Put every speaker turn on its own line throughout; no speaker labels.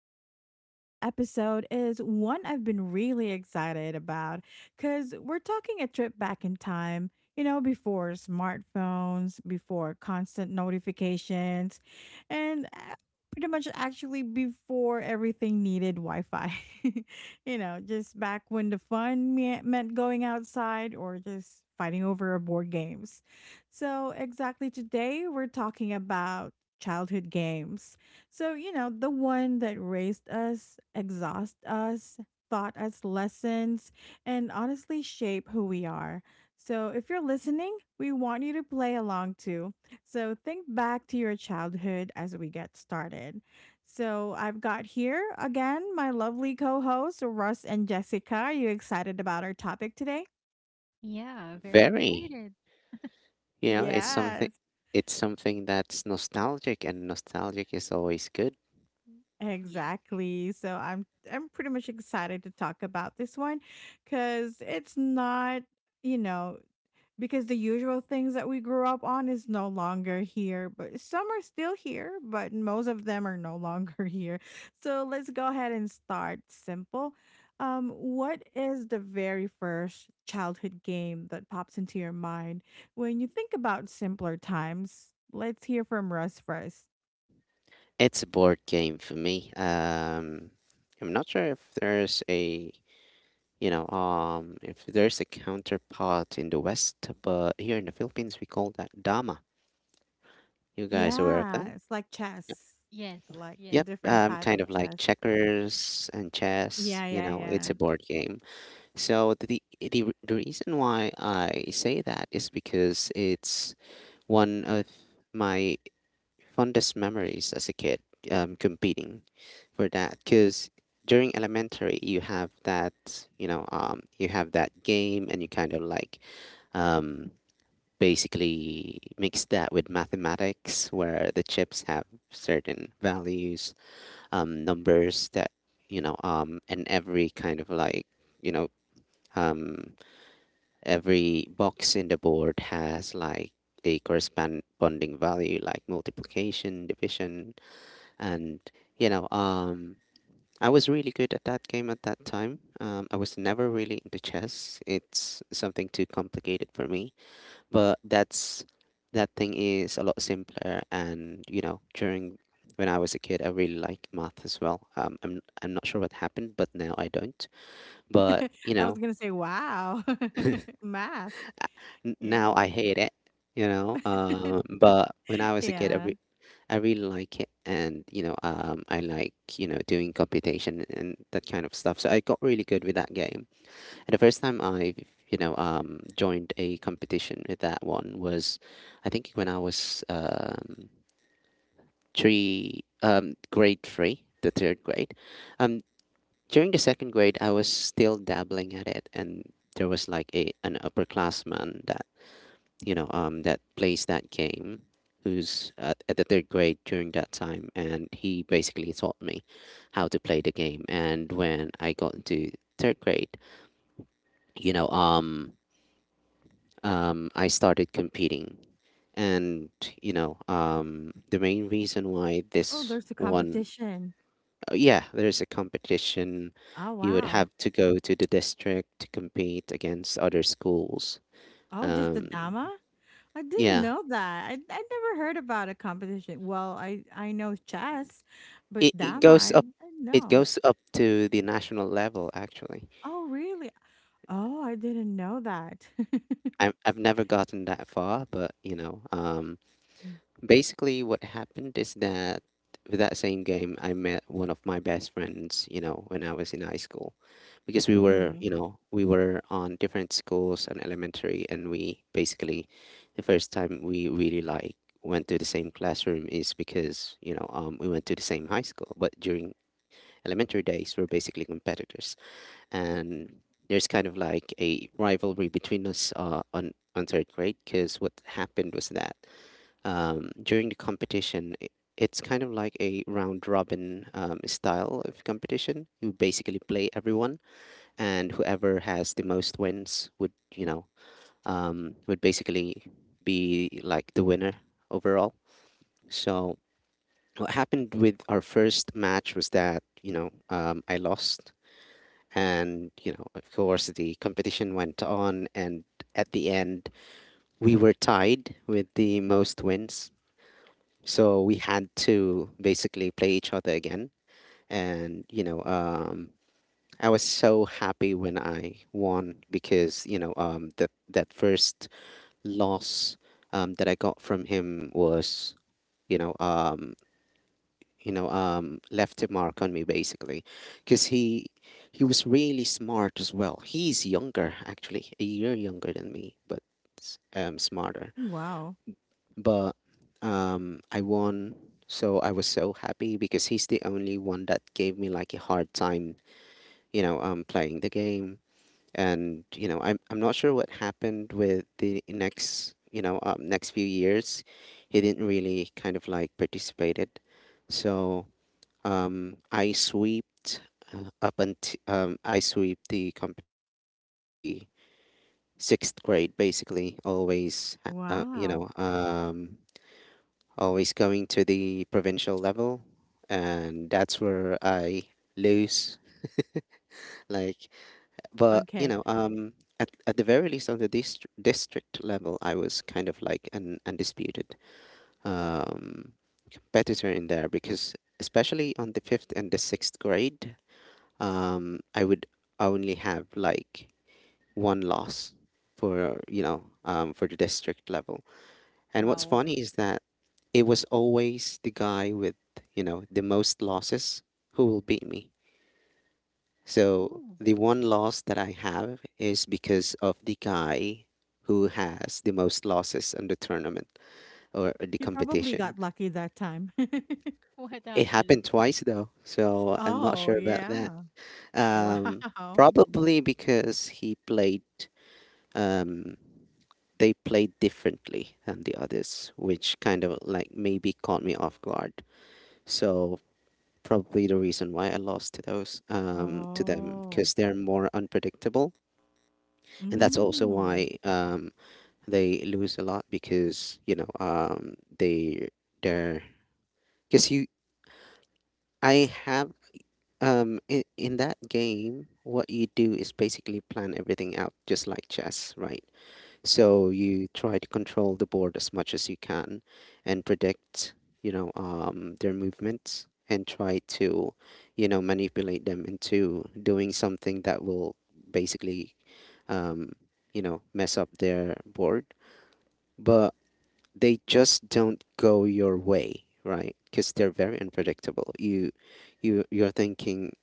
And today's episode is one I've been really excited about because we're talking a trip back in time, you know, before smartphones, before constant notifications, and pretty much actually before everything needed Wi Fi. You know, just back when the fun meant going outside or just fighting over board games. So, exactly today, we're talking about childhood games. So, you know, the one that raised us, exhaust us, taught us lessons, and honestly shape who we are. So, if you're listening, we want you to play along too. So, think back to your childhood as we get started. So, I've got here again my lovely co hosts, Russ and Jessica. Are you excited about our topic today?
Yeah, very
Very.
excited.
You know, it's something
Yes.
it's something that's nostalgic and nostalgic is always good.
Yes.
Exactly. So I'm pretty much excited to talk about this one cuz it's not, you know, because the usual things that we grew up on is no longer here, but some are still here, but most of them are no longer here. So let's go ahead and start simple. What is the very first childhood game that pops into your mind when you think about simpler times? Let's hear from Russ first.
It's a board game for me. I'm not sure if there's a if there's a counterpart in the West, but here in the Philippines we call that Dama. You guys aware of
Yeah,
that?
it's like chess,
Yes.
like a
Yep,
Yes.
different type of
kind of like
chess.
checkers and chess,
Yeah,
you know, it's
yeah,
a board game. So the reason why I say that is because it's one of my fondest memories as a kid, competing for that, because during elementary you have that, you have that game, and you kind of like, um, basically mix that with mathematics, where the chips have certain values, numbers that, and every kind of like you know um, every box in the board has like a corresponding value, like multiplication, division, and, you know, um, I was really good at that game at that time. I was never really into chess. It's something too complicated for me, but that thing is a lot simpler. And you know, during when I was a kid, I really liked math as well. I'm not sure what happened, but now I don't. But
yeah.
you
I was
know,
gonna say, wow, math.
N
Yeah,
now I hate it, but when I was a kid,
yeah.
I really like it, and, I like, doing computation and that kind of stuff. So I got really good with that game. And the first time I joined a competition with that one was, I think, when I was, grade three, the third grade. Um, During the second grade, I was still dabbling at it, and there was like a an upperclassman that, that plays that game, who's at the third grade during that time, and he basically taught me how to play the game. And when I got into third grade, you know um, I started competing, and, the main reason why
Oh,
this
there's a
one...
competition.
Oh, yeah, there's a competition.
Oh,
You would
wow.
have to go to the district to compete against other schools.
Oh, just the
um,
dama? I didn't
yeah,
know that. I never heard about a competition. Well, I know chess, but
it, it
dama, I,
goes
I
up
didn't
it
know.
goes up to the national level, actually.
Oh, really? Oh, I didn't know that.
I've never gotten that far, but, basically what happened is that with that same game I met one of my best friends, when I was in high school, because we were
Mm-hmm.
you know we were on different schools and elementary, and we basically... The first time we really like went to the same classroom is because, we went to the same high school, but during elementary days we're basically competitors. And there's kind of like a rivalry between us, on third grade, because what happened was that, during the competition, it's kind of like a round robin, style of competition. You basically play everyone, and whoever has the most wins would you know would basically be like the winner overall. So what happened with our first match was that, I lost. And, of course, the competition went on. And at the end, we were tied with the most wins. So we had to basically play each other again. And I was so happy when I won, because, that first loss, that I got from him, was, you know, um, left a mark on me, basically, because he was really smart as well. He's younger, actually a year younger than me, but smarter.
Wow.
But I won. So I was so happy because he's the only one that gave me like a hard time, playing the game. And I'm not sure what happened with the next you know next few years. He didn't really kind of like participated. So, I swept... up until I swept the competition up until the sixth grade, basically. Always, uh, uh, you
Wow.
know, um, always going to the provincial level, and that's where I lose. Like, but, you
Okay.
know, um, at at the very least on the district level, I was kind of like an undisputed, um, competitor in there, because especially on the fifth and the sixth grade, I would only have like one loss for you know for the district level. And what's
Wow.
funny is that it was always the guy with, the most losses, who will beat me. So
Oh,
the one loss that I have is because of the guy who has the most losses in the tournament or the
He probably
competition.
got lucky that time.
what
It happened
happened?
twice though, so I'm not
Oh,
Oh,
sure about that.
yeah.
Um,
Wow.
Probably because he played um, they played differently than the others, which kind of like maybe caught me off guard. So probably the reason why I lost to those to them,
Oh.
because they're more unpredictable, and that's also
Mm.
why, they lose a lot, because they they're because you I have in that game what you do is basically plan everything out, just like chess, right?
Mhm.
So you try to control the board as much as you can, and predict, their movements, and try to, manipulate them into doing something that will basically, um, mess up their board. But they just don't go your way, right? Because they're very unpredictable. You're thinking,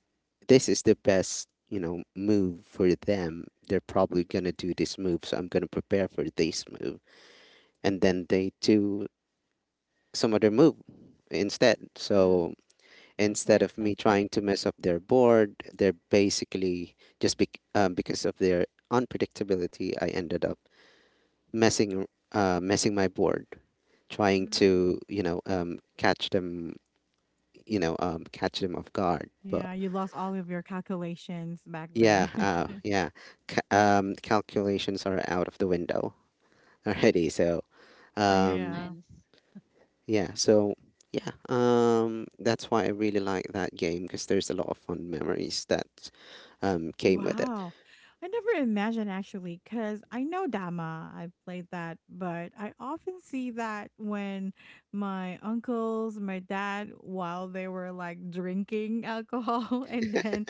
this is the best, move for them. They're probably gonna do this move, so I'm gonna prepare for this move, and then they do some other move instead.
mm,
So
that's why
instead
it's
of me trying to
unpredictable.
mess up their board, they're basically just because of their unpredictability, I ended up messing messing my board, trying
Mm.
to, catch them off guard. But
Yeah, you lost all of your calculations back
yeah,
then.
yeah, calculations are out of the window already. So,
Or your
um,
Yeah.
plans.
Yeah, so yeah, that's why I really like that game, because there's a lot of fun memories that, came with it.
Wow. I never imagined actually, because I know Dama. I played that, but I often see that when my uncles, my dad, while they were like drinking alcohol, and then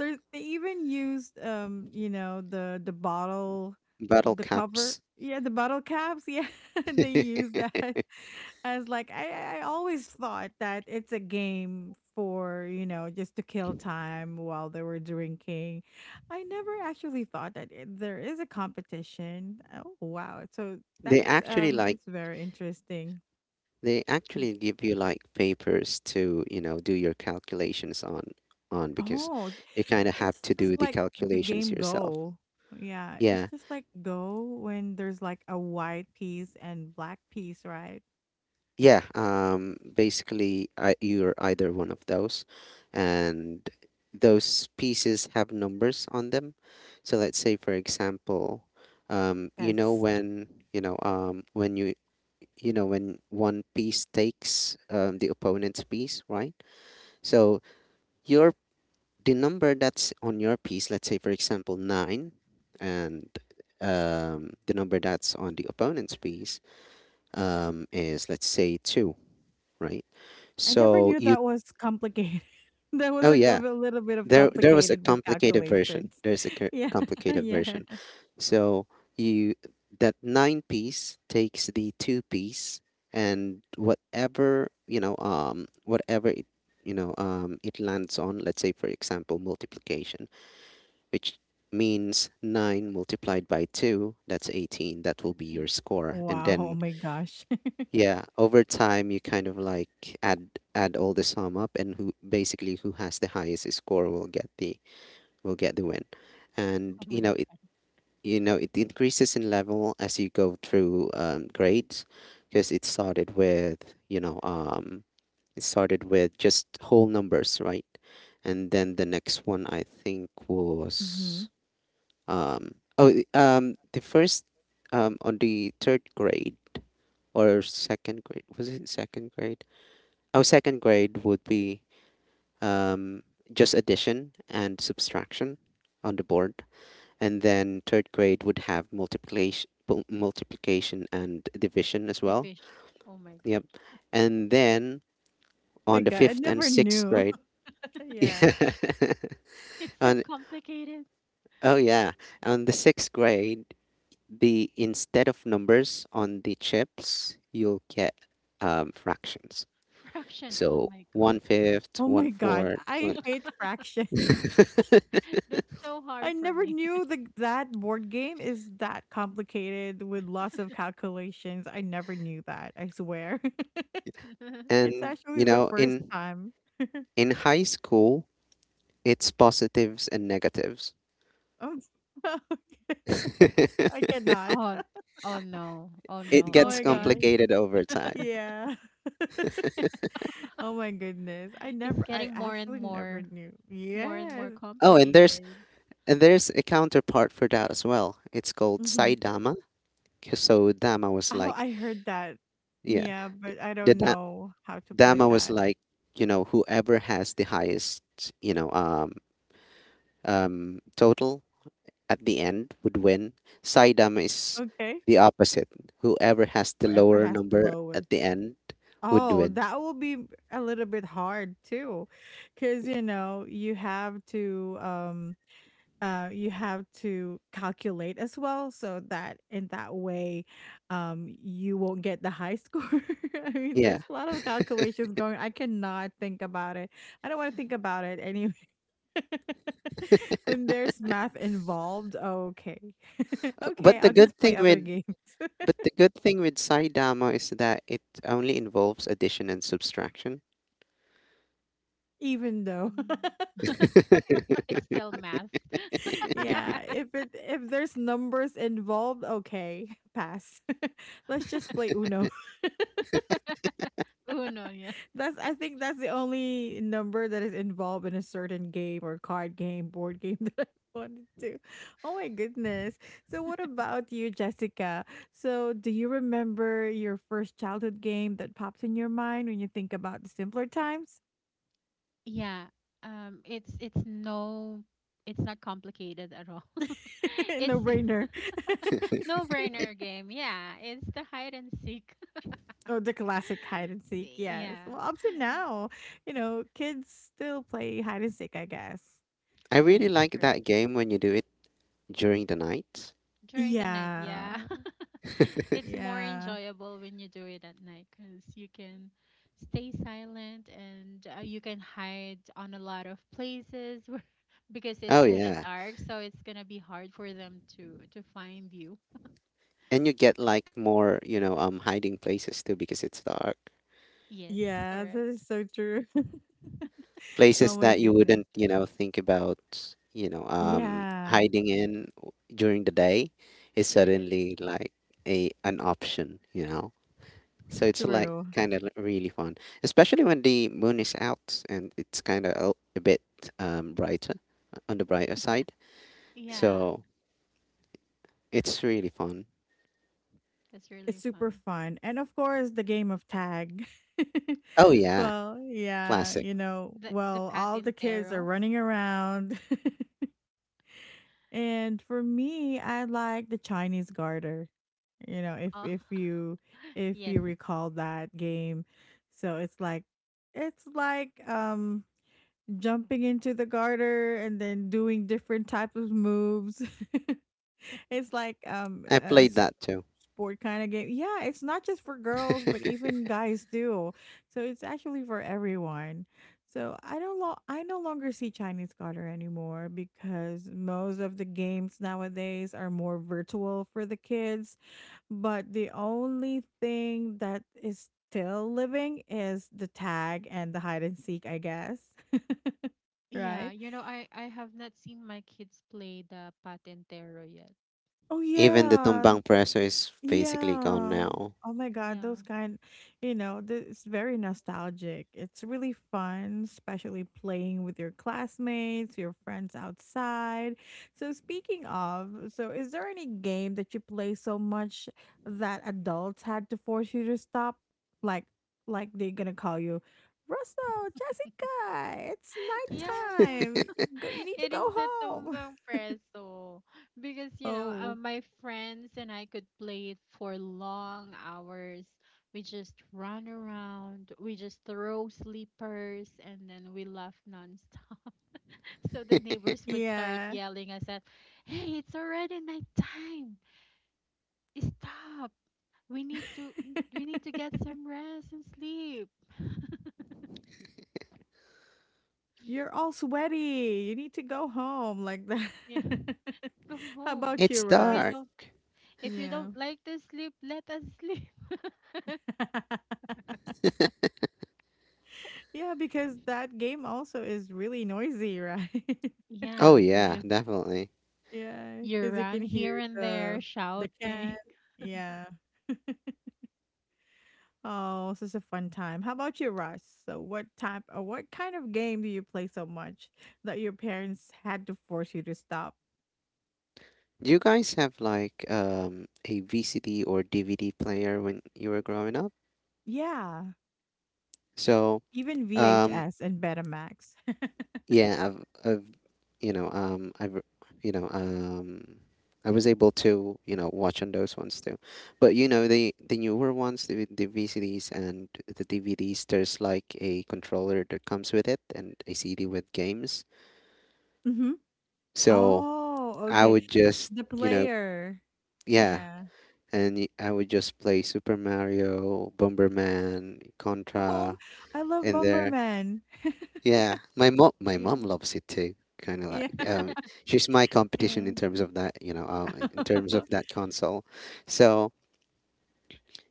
they even used you know, the bottle,
Battle
the cover.
caps.
Yeah, the bottle caps. Yeah, they use that as like I always thought that it's a game for you know just to kill time while they were drinking I never actually thought that it, there is a competition. Oh wow! So
they
that's
actually like
it's very interesting.
they actually give you like papers to, do your calculations on, because
Oh, j-
you kind of have
it's
to do
just
the
like the
calculations
game
yourself.
Go. Yeah, it's
Yeah,
just like Go when there's like a white piece and black piece, right?
yeah, basically, you're either one of those, and those pieces have numbers on them. So let's say, for example,
Yes,
when, when one piece takes, the opponent's piece, right? So your the number that's on your piece, let's say, for example, nine, and, the number that's on the opponent's piece, is, let's say, two, right?
I never
So
knew
you...
that was complicated. That was
Oh
like
yeah,
a little bit of
there was a
complicated with
complicated version.
calculations.
There's a
Yeah,
complicated
yeah.
version. So you that nine-piece takes the two piece, and whatever it lands on. Let's say, for example, multiplication, which means 9 multiplied by 2, that's 18. That will be your
Eight.
score. And
Wow! Oh
then,
my gosh!
yeah, over time you kind of like add all the sum up, and who has the highest score will get the win. And
Oh
you
my
know it
God.
you know it increases in level as you go through, grades, because it started with you know it started with just whole numbers, right? And then the next one I think
hmm
was oh, the first... on the third grade, or second grade, was it second grade? Oh, second grade would be, um, just addition and subtraction on the board, and then third grade would have multiplication and division as well.
Division. Oh my God.
Yep, and then
My
on the
God, I
fifth and
never
sixth
knew.
grade,
Yeah.
yeah,
It's that
on
complicated.
oh yeah, on the sixth grade, the instead of numbers on the chips, you'll get, fractions.
Fractions. Oh
So
my God.
one fifth,
Oh
one
my god,
fourth,
I
one-
hate Fraction.
That's so
I
hard for
never
me.
knew the that board game is that complicated with lots of calculations. I never knew that, I swear. It's
and
actually
you
the
know
first time.
in high school, it's positives and negatives.
Oh, okay. I cannot.
It
Oh, oh no. Oh no.
Oh
gets
my
Okay.
god.
complicated over time.
Yeah. Oh my goodness. I
It's
never I
getting
actually never knew.
more and
Yes.
more
Oh, and there's
complicated.
and there's a counterpart for that as well. It's called
Mhm.
Saidama. So Dama was
Oh,
like,
I heard that.
yeah,
Yeah, but I
the
don't
da-
know how to play
Dama was
that.
like, whoever has the highest, you know, um, total at the end would win. Saidama is
Okay.
the opposite. Whoever has the
Whoever
lower
has the
number
lowest.
at the end would
Oh,
win.
that will be a little bit hard too, because you know you have to calculate as well, so that in that way, you won't get the high score. I mean,
Yeah.
there's a lot of calculations going. I cannot think about it. I don't want to think about it anyway. When there's math involved, okay, okay,
But the
I'll just
good
play
thing
other
with
games,
but the good thing with Saidama is that it only involves addition and subtraction.
even though.
Mm. It's still math.
Yeah, if it if there's numbers involved, okay, pass. Let's just play Uno.
Uno, yeah.
That's I think that's the only number that is involved in a certain game or card game, board game that I wanted to. Oh my goodness. So what about you, Jessica? So do you remember your first childhood game that pops in your mind when you think about the simpler times?
Yeah. It's not complicated at all. It's
No brainer.
no brainer game. Yeah, it's the hide and seek.
Oh, the classic hide and seek, yes.
yeah.
Well, up to now, you know, kids still play hide and seek, I guess.
I really
Yes.
like that game when you do it during the night.
During the night. Yeah.
Yeah.
It's more
Yeah.
enjoyable when you do it at night cuz you can stay silent and you can hide on a lot of places where, because it's
Oh
kind of
yeah.
dark, so it's going to be hard for them to find you.
And you get like more, hiding places too, because it's dark.
Yes,
Yeah, that is
correct.
so true. Oh
Places
my
that you
goodness.
wouldn't, think about,
Yeah,
hiding in during the day, is
During the day.
suddenly like a an option. So it's like
true.
kind of really fun, especially when the moon is out and it's kind of a bit brighter on the brighter side.
Yeah,
So it's really fun.
that's
It's
really
super
fun.
fun. And of course, the game of tag.
Oh yeah,
Well, yeah,
classic.
you know,
The
well, all the kids are
patintero.
running around. And for me, I like the Chinese Garter. You know, if
Oh,
if you if
yes.
you recall that game, so it's like it's like jumping into the garter and then doing different types of moves. It's like um
I
a
played
s-
that too.
sport kind of game. Yeah, it's not just for girls, but even guys do. So it's actually for everyone. So I don't lo- I no longer see Chinese garter anymore because most of the games nowadays are more virtual for the kids but the only thing that is still living is the tag and the hide and seek, I guess.
Yeah,
Right?
you know, I have not seen my kids play the patintero yet.
Oh,
Even the
yeah.
tumbang preso is basically gone
Yeah.
now.
Oh my God, those
Yeah.
kind, you know, it's very nostalgic. It's really fun, especially playing with your classmates, your friends outside. So, speaking of, so is there any game that you play so much that adults had to force you to stop? Like, like they're gonna call you, Russell, Jessica, it's
Yeah.
nighttime. You Go, you need to
It is
go
the
home.
tumbang preso because
Oh,
my friends and I could play it for long hours. We just run around, we just throw sleepers and then we laugh nonstop. So the neighbors would start
yeah.
yelling us at, "Hey, it's already nighttime. Stop. We need to we need to get some rest and sleep.
You're all sweaty. You need to go home like that.
Yeah. Go
How
home.
about you,
It's
If you
Russ?
dark.
don't if you
Yeah.
don't like to sleep, let us sleep."
Yeah, because that game also is really noisy, right?
Oh
Yeah,
yeah,
because
definitely.
Yeah,
you
because you can
run here
hear
and there
the can.
shouting,
Yeah. Oh, such a fun time. How about you, Russ? So what type or what kind of game do you play so much that your parents had to force you to stop?
Do you guys have like a VCD or DVD player when you were growing up?
Yeah.
So,
Even
um
VHS and Betamax.
yeah i've, I've you know um i've you know um I was able to watch on those ones too, but you know the newer ones, the VCDs and the DVDs, there's like a controller that comes with it and a CD with games.
Mm-hmm.
So
Oh,
I
okay.
would just,
The
you know
player.
yeah
Yeah.
I would just play Super Mario, Bomberman,
Oh,
Contra
I love
in there.
Bomberman.
Yeah, my mom, my
Yeah.
mom loves it too. Kind of
Yeah.
like, she's my
Yeah.
competition in terms of that, in terms of that console. So,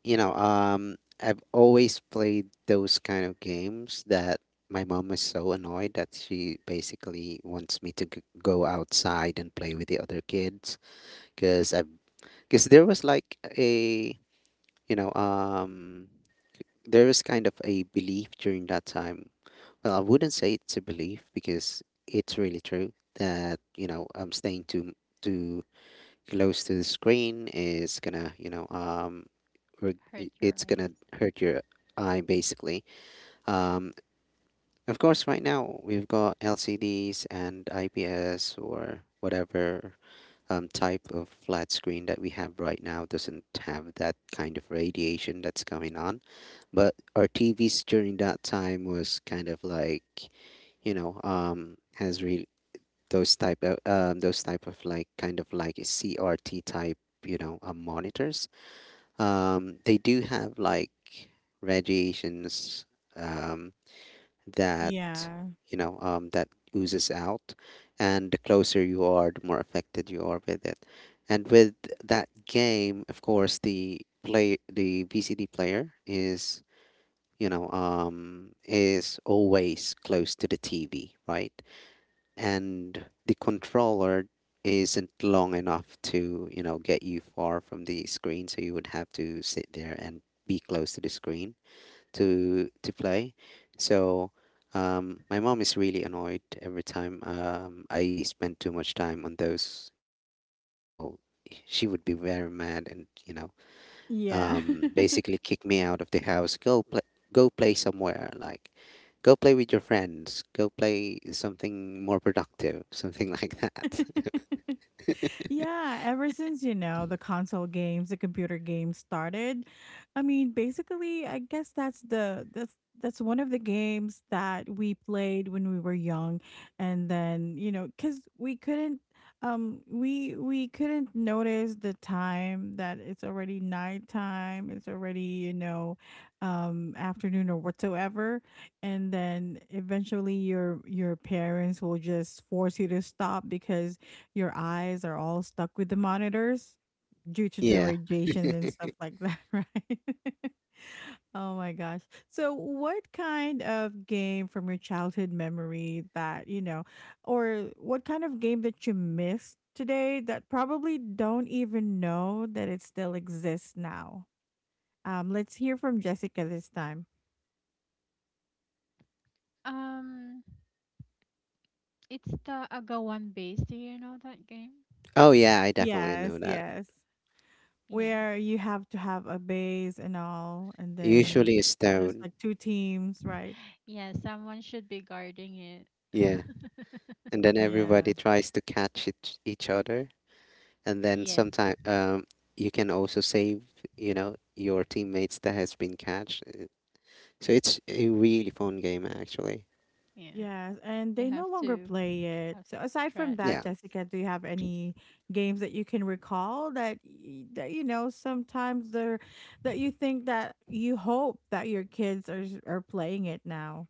you know, um, I've always played those kind of games that my mom is so annoyed that she basically wants me to g go outside and play with the other kids, because I've because there was like you know, um, there was kind of a belief during that time. Well, I wouldn't say it's a belief because it's really true that staying too close to the screen is gonna,
hurt your
it's
eyes.
gonna hurt your eye basically. Um, of course, right now we've got LCDs and IPS or whatever type of flat screen that we have right now doesn't have that kind of radiation that's going on. But our TVs during that time was kind of like, has really those type of, those type of like kind of like CRT type, monitors, they do have like radiations, um that
Yeah.
you know that oozes out, and the closer you are, the more affected you are with it. And with that game, of course, the VCD player is, is always close to the TV, right? And the controller isn't long enough to, get you far from the screen, so you would have to sit there and be close to the screen to play. So, my mom is really annoyed every time, I spend too much time on those, games. So she would be very mad and,
Yeah.
basically kick me out of the house. Go play somewhere. Like, go play with your friends. Go play something more productive, something like that.
Yeah, ever since, you know, the console games, the computer games started, I mean, basically, I guess that's the that's one of the games that we played when we were young and then, you know, cuz we couldn't we couldn't notice the time that it's already nighttime, it's already, you know, afternoon or whatsoever, and then eventually your parents will just force you to stop because your eyes are all stuck with the monitors due to the
Yeah.
radiation and stuff like that, right? Oh my gosh. So, what kind of game from your childhood memory that, you know, or what kind of game that you missed today that probably don't even know that it still exists now? Let's hear from Jessica this time.
Um, it's the Agawan base. Do you know that game?
Oh yeah, I definitely know
Yes,
that.
yes.
Yeah.
Where you have to have a base and all, and then
Usually a
there's
stone.
like two teams, right?
Yeah, someone should be guarding it.
Yeah, and then
Yeah.
everybody tries to catch each other, and then
Yes.
sometimes, you can also save. You know, your teammates that has been catched. So it's a really fun game actually.
Yeah.
Yes, and
You
they
have
no longer
to
play
have
it. So aside from that,
Yeah.
strategies.
Jessica, do you have any games that you can recall that that you know sometimes they're that you think that you hope that your kids are are playing it now,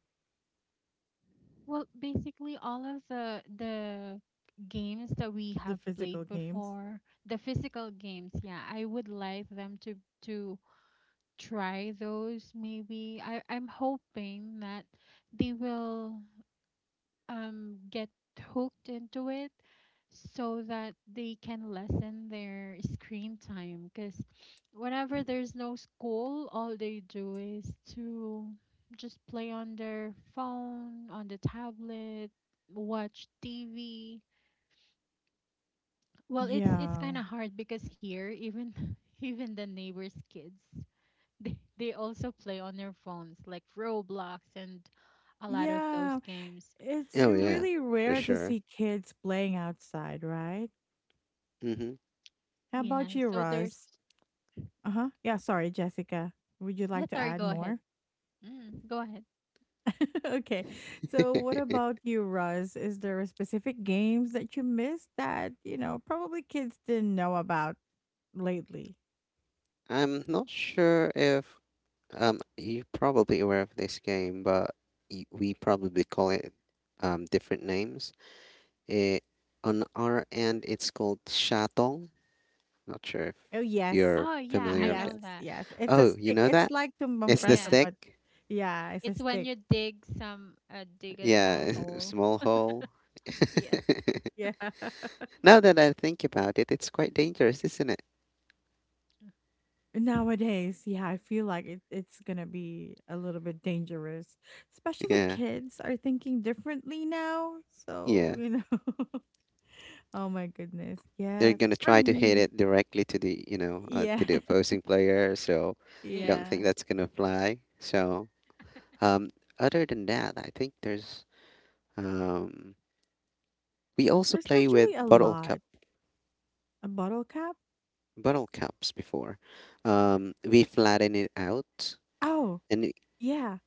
Well, basically all of the games that we
the
have played
physical games?
before, the physical games, yeah, I would like them to try those maybe. I'm hoping that they will get hooked into it so that they can lessen their screen time, because whenever there's no school, all they do is to just play on their phone, on the tablet, watch TV. Well, it's
Yeah.
kind of hard because here even even the neighbors kids they also play on their phones like Roblox and a lot of those
Yeah,
games,
it's
Oh yeah,
so
really
for
rare to
sure.
see kids playing outside, right?
Mm-hmm.
How
yeah,
about you,
so there's.
Roz? Uh-huh. Yeah, sorry, Jessica. Would you
Yeah,
like to
sorry,
add
go ahead.
more?
Go ahead.
Okay. So what about you, Russ? Is there a specific games that you missed that, you know, probably kids didn't know about lately?
I'm not sure if you're probably aware of this game, but we probably call it different names. It, on our end, it's called shatong. Not sure if
Oh yes.
you're
Oh, yeah, I
familiar with
know
Yes,
that.
that.
yes. It's a
Oh, you
stick.
know
It's
that?
like
It's the
Yeah.
tumbampresa,
stick.
but yeah, it's a
It's when
stick.
you dig a
Yeah,
small
it's a
hole.
small hole.
Yeah.
Yeah.
Now that I think about it, it's quite dangerous, isn't it?
Nowadays, yeah, I feel like it, it's gonna be a little bit dangerous. Especially
Yeah,
kids are thinking differently now. So,
yeah.
you know. Oh my goodness.
They're
Yes,
gonna
for
try to hit
me.
it directly to the, to
Yeah.
the opposing player. So I
Yeah.
don't think
Yeah.
that's gonna fly. So, um, other than that, I think there's, um, we also
There's
play with
actually a lot. A bottle cap?
bottle cups before. We flatten it out,
Oh,
and it-
yeah.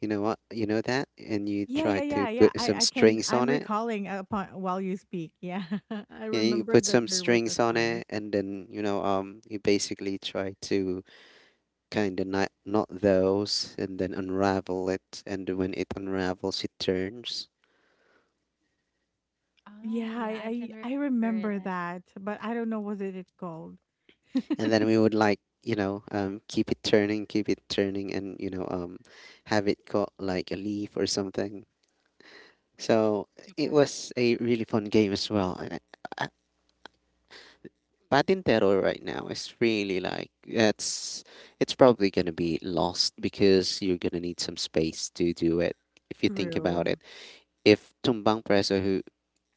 you know what you know that, and you
Yeah,
try
yeah,
to
yeah, yeah.
put some
I can
strings
I'm
on it.
recalling upon while you speak. Yeah. I
You know, you
remember
put some
that there was a
strings on
time.
it, and then, you basically try to kind of not, not those and then unravel it, and when it unravels, it turns.
Oh,
Yeah,
yeah, I can remember
I
it.
remember
I
that, but I don't know what it called.
And then we would like, keep it turning, and have it got like a leaf or something. So
took
it
out it.
was a really fun game as well. Patintero right now is really like, that's, it's probably gonna be lost because you're gonna need some space to do it, if you think about
True.
it. If Tumbang Preso,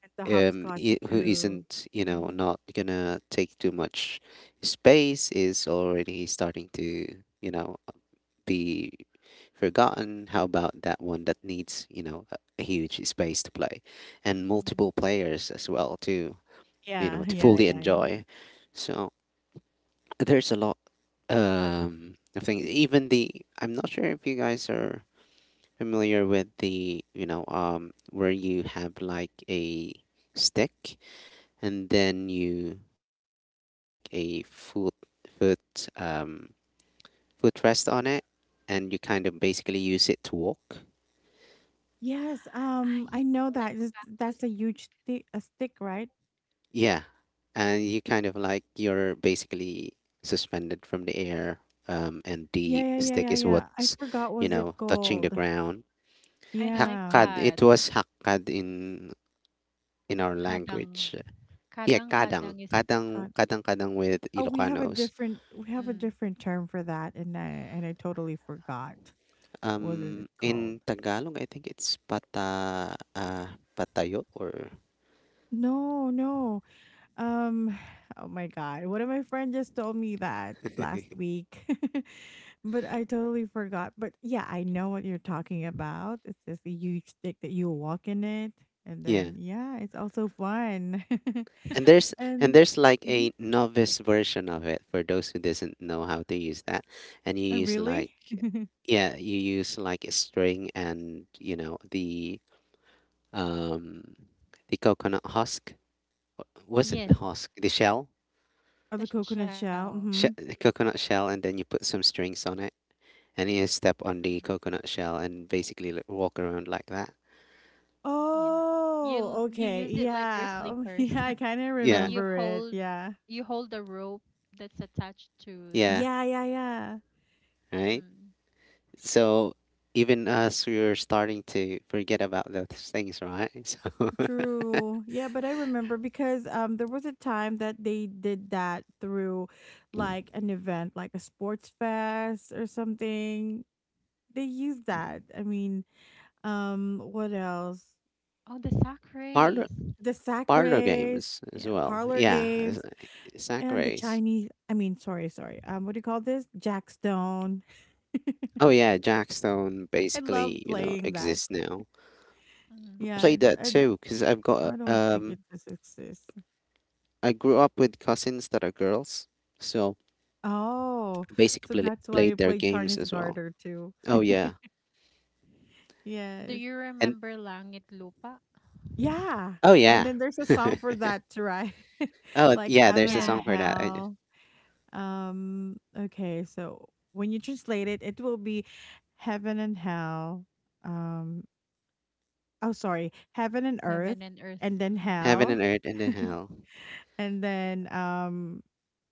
And the hopscotch
who
too.
isn't,
Mm.
not gonna take too much space, is already starting to, you know be forgotten, how about that one that needs, a huge space to play and multiple
Mm.
players as well to,
Yeah,
to
yeah,
fully
yeah, yeah.
enjoy. So there's a lot, of things. Even the, I'm not sure if you guys are familiar with the, where you have like a stick, and then you put in like a foot um footrest on it, and you kind of basically use it to walk.
Yes,
Ah, yeah,
I know
like
that.
a
Is-
bamboo
That's a huge
stick.
sti a stick, right?
Yeah. And you kind of like, you're basically suspended from the air, and
Yeah,
the
yeah, yeah,
stick
yeah,
is
yeah. I
what's,
forgot was it
touching the
called.
ground.
I like
Yeah.
Hakkad, it
that.
was hakkad in our
Kadang.
language. Yeah,
Kadang
kadang,
kadang is
kadang,
God.
kadang, kadang with
Oh, we have a
Ilocanos.
different we have a
mm.
different term for that and I totally forgot. What is it called?
In Tagalog, I think it's patayo or
No, no. Um oh my god. One of my friends just told me that last week. But I totally forgot. But yeah, I know what you're talking about. It's just a huge stick that you walk in it and
yeah.
then yeah, it's also fun.
And
And
there's like
Mhm.
a novice version of it for those who doesn't know how to use that. And you
Oh,
use like,
really?
yeah, you use like a string and you know the, um the coconut husk. Wasn't
Yes,
husk, the shell.
Oh,
the
the coconut
shell.
shell.
She
Mhm.
The coconut shell, and then you put some strings on it, and you step
Mm.
on the coconut shell and basically like, walk around like that.
Yeah. You l-
Oh,
you use
okay.
it like your
Yeah. Oh,
slippers,
yeah, I kinda
but
Yeah.
you
remember it.
hold
Yeah.
you hold the rope that's attached to the
Yeah,
Yeah.
right.
mm.
So even us, we're starting to forget about those things, right? So
True. Yeah, but I remember because there was a time that they did that through like an event, like a sports fest or something. They used that. I mean, what else?
Oh, the sack
parlor
race
The sack
parlor
race,
games as
yeah,
well.
parlor
Yeah, it's
games,
sack
and the
race.
Chinese I mean, sorry, sorry. What do you call this? Jackstone.
Oh yeah, Jackstone
I love
basically, you know,
playing that.
exists now.
mm.
Yeah,
Played that
I
too because I've got
I don't think it just exists.
I grew up with cousins that are girls, so
Oh,
I basically
so that's why you
played their
play
games
Chinese
as well.
Garter too.
Oh yeah,
Do
Yes.
you
and
remember langit lupa?
Yeah.
oh
And
yeah,
then there's a song for that too, right?
oh
Like
yeah. There's
Heaven
a
Yeah,
and
song for that. I just
Hell. Okay, so when you translate it, it will be Heaven and Hell. Um, oh sorry, Heaven and
heaven
Earth
and earth.
and then
Mm.
heaven
Hell.
and earth and then hell.
And then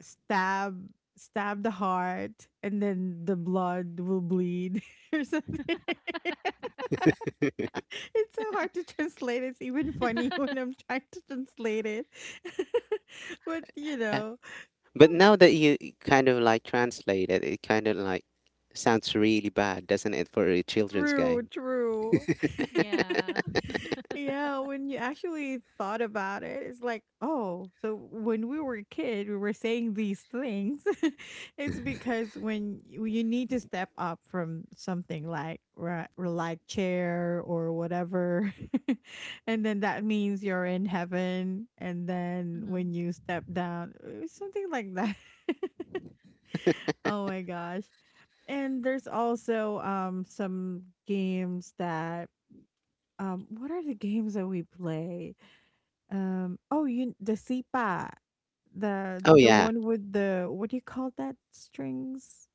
stab stab the heart and then the blood will bleed or something. It's so hard to translate. It's even funny when I'm trying to translate it. But you know,
But now that you kind of like translate it, it kind of like sounds really bad, doesn't it, for a children's
true,
game?
true.
Yeah.
Yeah, when you actually thought about it, it's like, oh, so when we were a kid, we were saying these things. It's because when you need to step up from something like ri- or like chair or whatever, and then that means you're in heaven. And then when
Mm.
you step down, something like that. Oh my gosh. And there's also some games that what are the games that we play? Oh you the sipa. The
Oh
the
yeah,
one with the what do you call that? Strings?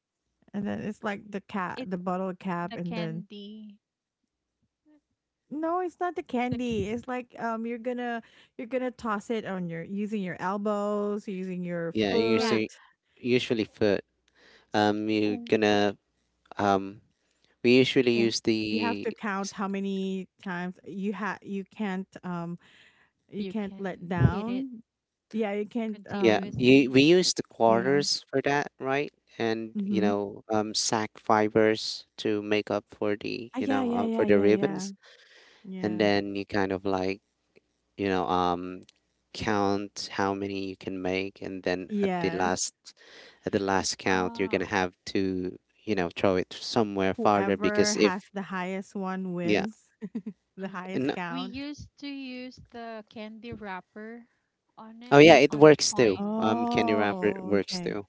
And then it's like
It's
the bottle
the
cap and then
candy
no, it's not the
the ca-
candy. It's like you're gonna toss it on your using your elbows, using your
yeah. You
Yeah.
see,
foot.
usually for, you're
Ooh.
gonna um, we usually
Yeah.
use
You have
the
to count
s-
how many times you can't you
You
can't
can
let
hit it
down. Yeah, you can't
yeah,
continuously.
we use the
yeah.
quarters for that, right? And, you
Mhm.
know, sack fibers to make up for the,
Ah, yeah, yeah, yeah,
for the
yeah, yeah.
ribbons, and
Yeah.
then you kind of like, you know, um, count how many you can make, and then at the
Yes.
last, count, you're
ah
gonna have to, you know, throw it somewhere farther
Whoever
because
has
if
the highest one
yeah,
wins, the
Mm.
highest
and
We
count.
used to use the candy wrapper on
oh
it,
yeah, it
on the
works too.
coin.
Candy
Yes.
Wrapper
Oh,
works
okay.
too.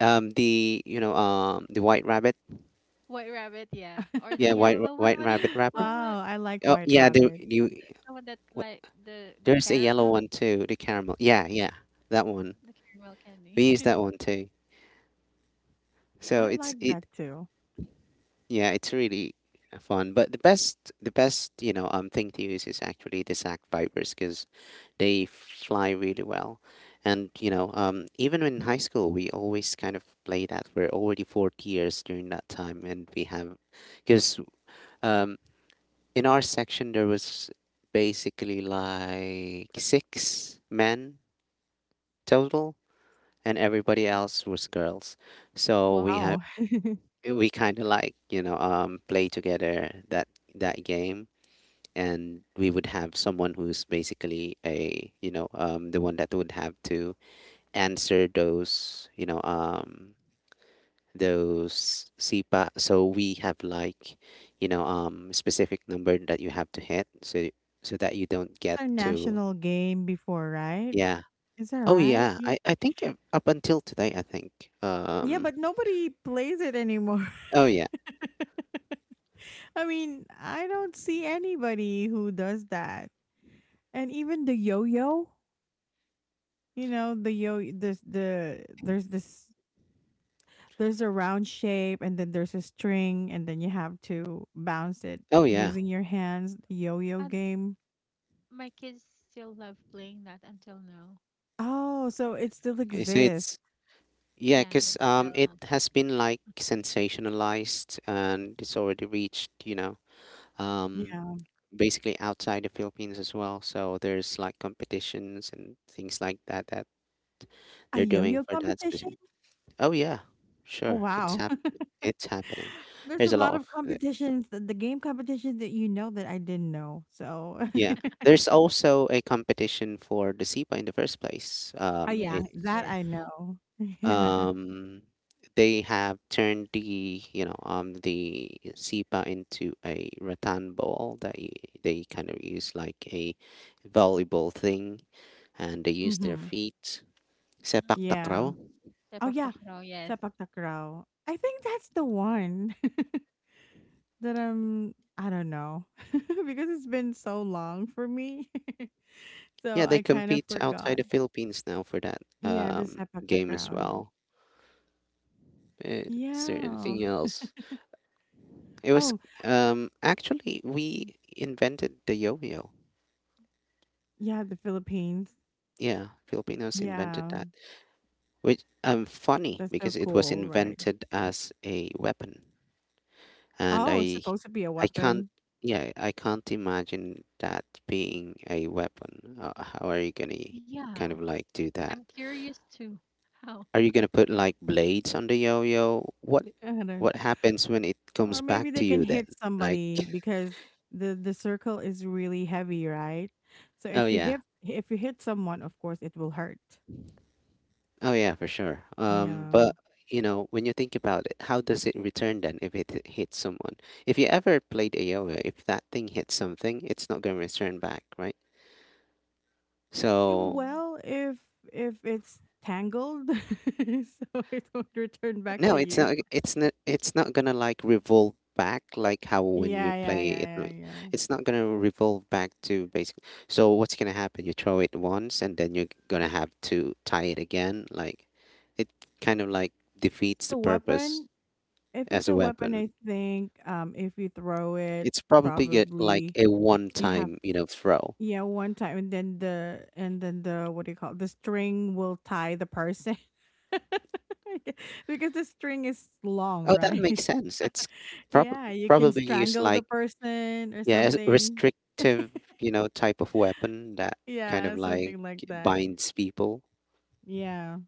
The, the White Rabbit,
White rabbit, yeah. Or the
yeah,
yellow one, what
White
do you
Rabbit
call
wrapper.
that?
Wow, I like
Oh
White
yeah, the
Rabbit.
The,
you.
the one that like
What,
the
there's a yellow
caramel,
one too, the caramel. Yeah, yeah, that one.
the caramel candy.
We use that one too. So
I
it's
like
it.
that too.
Yeah, it's really fun. But the best, thing to use is actually the sack vipers because they fly really well. And, you know, even in high school, we always kind of play that. We're already 4 years during that time, and we have, because, um, in our section there was basically like 6 men total, and everybody
Mm.
else was girls. So
Wow.
Oh, it's
we kind of like, play together that game. And we would have someone who's basically a, the one that would have to answer those, those SIPA. So we have like, specific number that you have to hit so that you don't get
our
to
national game before, right?
yeah
Is that
oh
right?
yeah.
Ye-
I think, up until today I think,
Yeah,
um,
but nobody plays it anymore.
oh yeah
I mean, I don't see anybody who does that. And even the yo-yo, you know, the there's this there's a round shape and then there's a string and then you have to bounce it
oh yeah.
using your hands, the yo-yo
And
game.
my kids still love playing that until now.
Oh, so it still
Okay, so
exists.
it's, yeah,
Yeah,
because,
it's
it
still.
has been like sensationalized and it's already reached, you know, um,
Yeah.
basically outside the Philippines as well. So there's like competitions and things like that that
A
they're
yo-yo
doing for that specific.
competition?
Oh yeah,
Oh
sure, it's
wow.
happening. It's happening.
There's a
There's a lot
lot of
of the-
competitions, the game competitions that you know that I didn't know. So,
yeah. There's also a competition for the SIPA in the first place.
oh yeah,
It
Yes,
that I
yes.
know. Yeah.
um, they have turned the, the sipa into a rattan ball that they kind of use like a volleyball thing, and they use their
Mhm.
feet. Sepak
Mm.
Yeah.
takraw.
Oh
Sepak
yeah,
takraw, yes.
Sepak Takraw. I think that's the one that I'm. I don't know because it's been so long for me, so
Yeah, they
I kind of
compete outside
forgot.
the Philippines now for that,
Yeah, the Sepak
game as
Takraw. Yeah.
well. Uh, Is there
Yeah.
anything else? It was,
Oh,
actually we invented the yo-yo.
yeah, the Philippines.
Yeah, Filipinos invented
Yeah,
that, which, funny
that's so
because it was
cool, right?
invented as a weapon. And
Oh, it's supposed to be a
I can't
weapon.
yeah I can't imagine that being a weapon. How are you gonna
Yeah.
kind of like do
I'm
that?
curious too. How?
Are you gonna put like blades on the yo-yo? What happens when it comes
Or
back
maybe they
to
can
you then,
hit
like,
somebody because the circle is really heavy, right? So
oh yeah.
if you hit someone, of course it will hurt.
Oh yeah, for sure. Um,
Yeah.
but when you think about it, how does it return then if it hits someone? If you ever played AoE, if that thing hits something, it's not gonna return back, right?
Eh,
So
Mm.
well, if it's tangled, so it won't return back
no,
to
it's
you.
not. It's not. It's not gonna, like, revolve back like how when you
Yeah, yeah,
play it.
yeah,
Like,
yeah, yeah.
it's not gonna revolve back to, basically. So what's gonna happen? You throw it once, and then you're gonna have to tie it again. Like it kind of like defeats the
The
purpose
weapon, if it's
as a
a weapon, I
weapon.
think if you throw it,
It's probably get like
probably
a
you have
one-time, throw.
yeah, one time, and then the what do you call it? The string will tie the person because the string is long,
Oh, that
right?
makes sense. It's prob-
Yeah, you can
probably used
strangle the
like,
person or
yeah, as
something.
restrictive, type of weapon that kind of
Yeah,
like
something like that.
binds people.
Yeah.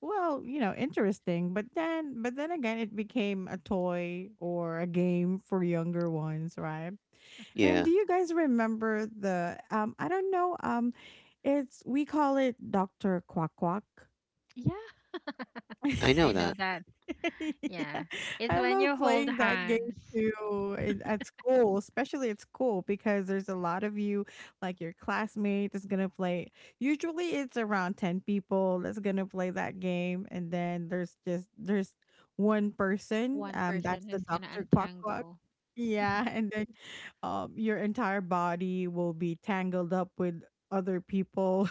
Well, you know, interesting, but then again it became a toy or a game for younger ones, right? And
Yeah,
do you guys remember the I don't know it's we call it Dr. Quack Quack.
Yeah,
I
I
know
know
that.
that.
Yeah.
Yeah. It's
I
when you
love
hold
playing that game
hands,
too at school, especially at school, because there's a lot of you, like your classmate is gonna play. Usually it's around 10 people that's gonna play that game. And then there's one person,
one
that's
person
the
who's gonna
Dr. Quack Quack.
untangle.
Yeah, and then your entire body will be tangled up with other people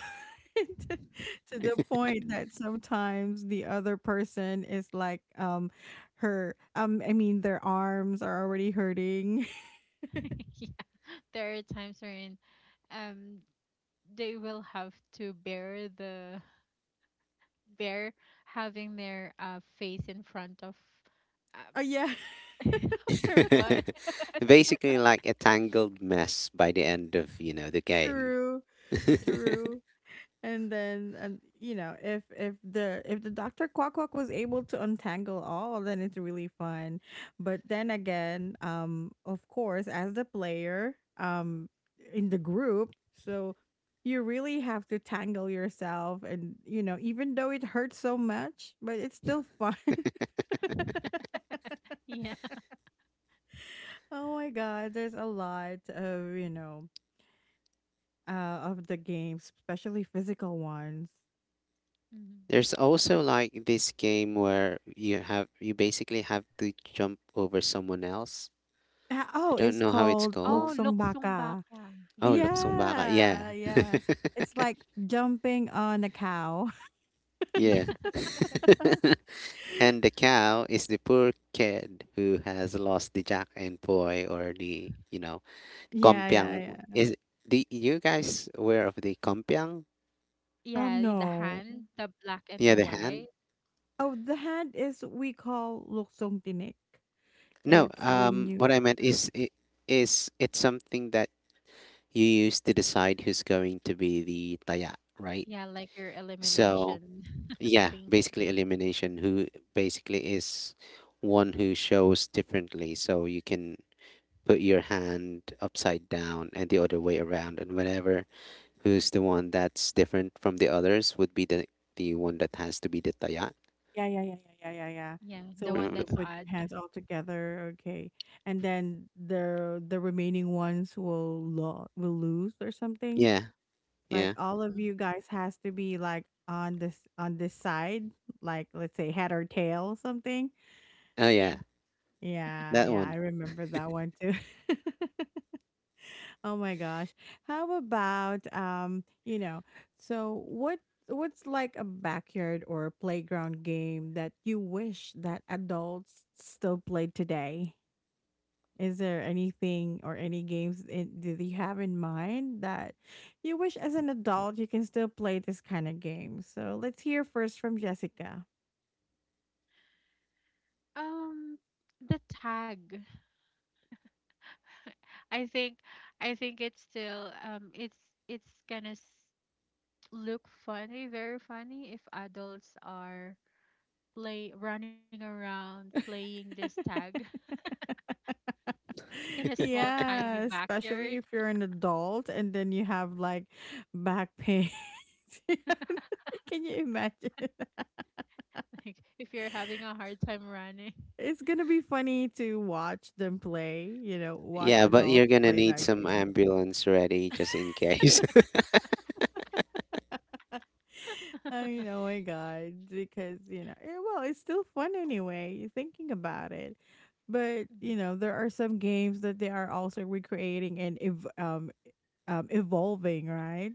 to the point that sometimes the other person is like her I mean their arms are already hurting.
Yeah. There are times wherein um they will have to bear having their face in front of
Oh
uh,
yeah,
of your butt.
Basically, like a tangled mess by the end of, the game.
true,
Yeah.
true. And then and if if the Dr. Quack Quack was able to untangle all, then it's really fun. But then again, of course, as the player in the group, so you really have to tangle yourself, and you know, even though it hurts so much, but it's still fun.
Yeah.
Oh my god, there's a lot of you know of the games, especially physical ones.
Mhm.
There's
So
also like this game where you basically have to jump over someone else. I
oh,
don't
it's
know how it's
called
Oh,
called.
Luksong
luksong
Baka.
baka. Yes.
Oh, luksong baka.
Yeah,
Yeah.
yeah. It's like jumping on a cow.
Yeah.
Yeah.
and the cow is the poor kid who has lost the jack and poi or the,
Yeah, yeah,
kompiang.
yeah.
Is the you guys aware of the kompiang?
Yeah, the
No.
hand, the black and the
Yeah, the other
white.
hand?
Oh, the hand is we call luksong tinik.
No,
It's when you,
what I meant is it's something that you use to decide who's going to be the taya, right?
Yeah, like your
So,
elimination
yeah,
thing.
basically elimination, who basically is one who shows differently, so you can put your hand upside down and the other way around, and whenever who's the one that's different from the others would be the one that has to be the taya.
yeah, yeah, yeah, yeah, yeah, yeah, yeah.
Yeah,
So
the
when
one
Remember
you
that's
that.
put your
odd.
hands all together, okay, and then the remaining ones will lo will lose or something.
Yeah,
Like
yeah.
all of
Mm,
you guys has to be like on this side, like let's say head or tail something.
Oh yeah,
yes.
Yeah,
that
yeah, I
one.
remember that one too. Oh my gosh. How about you know, so what what's like a backyard or playground game that you wish that adults still played today? Is there anything or any games in, that you have in mind that you wish as an adult you can still play this kind of game? So let's hear first from Jessica.
Um, the tag. I think I think it's still it's gonna look funny, very funny if adults are play running around playing this tag in a small tiny
Yeah,
backyard.
especially if you're an adult and then you have like back pain. Can you imagine?
Like if you're having a hard time running.
It's gonna be funny to watch them play, you know, watch
Yeah,
Yeah.
but you're
adults
gonna
play
need
that
some
game.
ambulance ready just in case.
I know, my God, because you know, eh, well, it's still fun anyway. You're thinking about it, but
Mhm.
you know, there are some games that they are also recreating and evolving, right?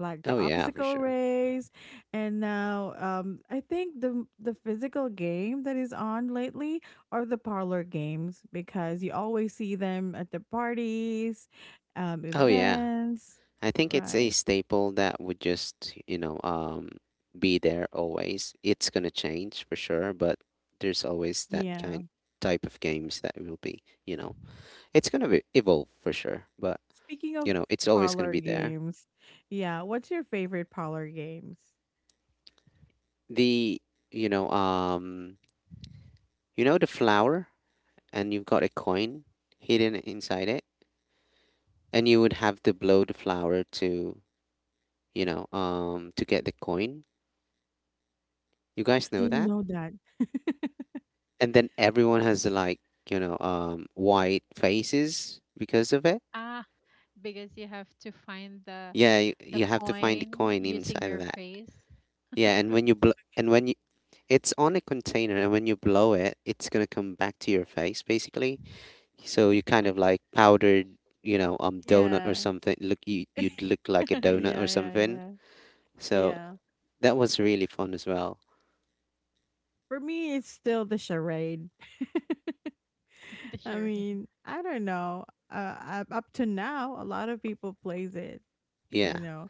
Like the
oh yeah, for
obstacle
sure.
race, and now I think the physical game that is on lately are the parlor games because you always see them at the parties,
Oh yeah,
events,
I think it's
right?
a staple that would just, be there always. It's gonna change for sure, but there's always that
Yeah.
kind type of games that will be, you know. It's going to evolve for sure, but
Speaking
you
of
know, it's always going
parlor
to be there.
games, yeah, what's your favorite parlor games?
The you know, um, you know the flower, and you've got a coin hidden inside it, and you would have to blow the flower to, to get the coin. You
I
guys know
didn't
that?
know that.
And then everyone has, like white faces because of it.
Ah, because you have to find the
Yeah, you,
the
you have to find the
coin
coin
using
inside
your
of that.
face,
Yeah, and when you blow and when you it's on a container, and when you blow it, it's going to come back to your face, basically. So you kind of like powdered, donut or
Yeah.
something. Look, you'd look like a
Yeah,
donut or
yeah,
something.
yeah.
So
Yeah.
that was really fun as well.
For me, it's still the charade.
the
I
charade.
mean, I don't know. Up to now, a lot of people plays it.
Yeah,
You know,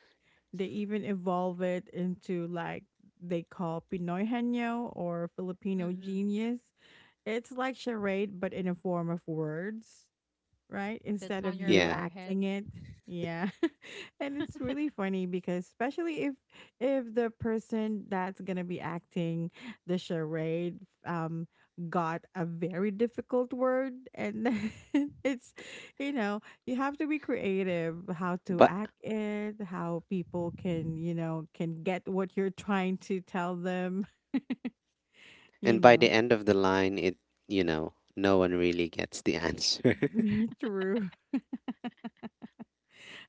they even evolve it into like they call Pinoy Henyo or Filipino
Mm-mm.
Genius. It's like charade, but in a form of words, right?
That's
Instead
on
of
your
you
yeah.
forehead.
acting it. Yeah. And it's really funny because especially if the person that's going to be acting the charade um got a very difficult word and it's you know, you have to be creative how to
But
act it, how people you know, can get what you're trying to tell them, you
and by the
know.
end of the line, no one really gets the answer.
True.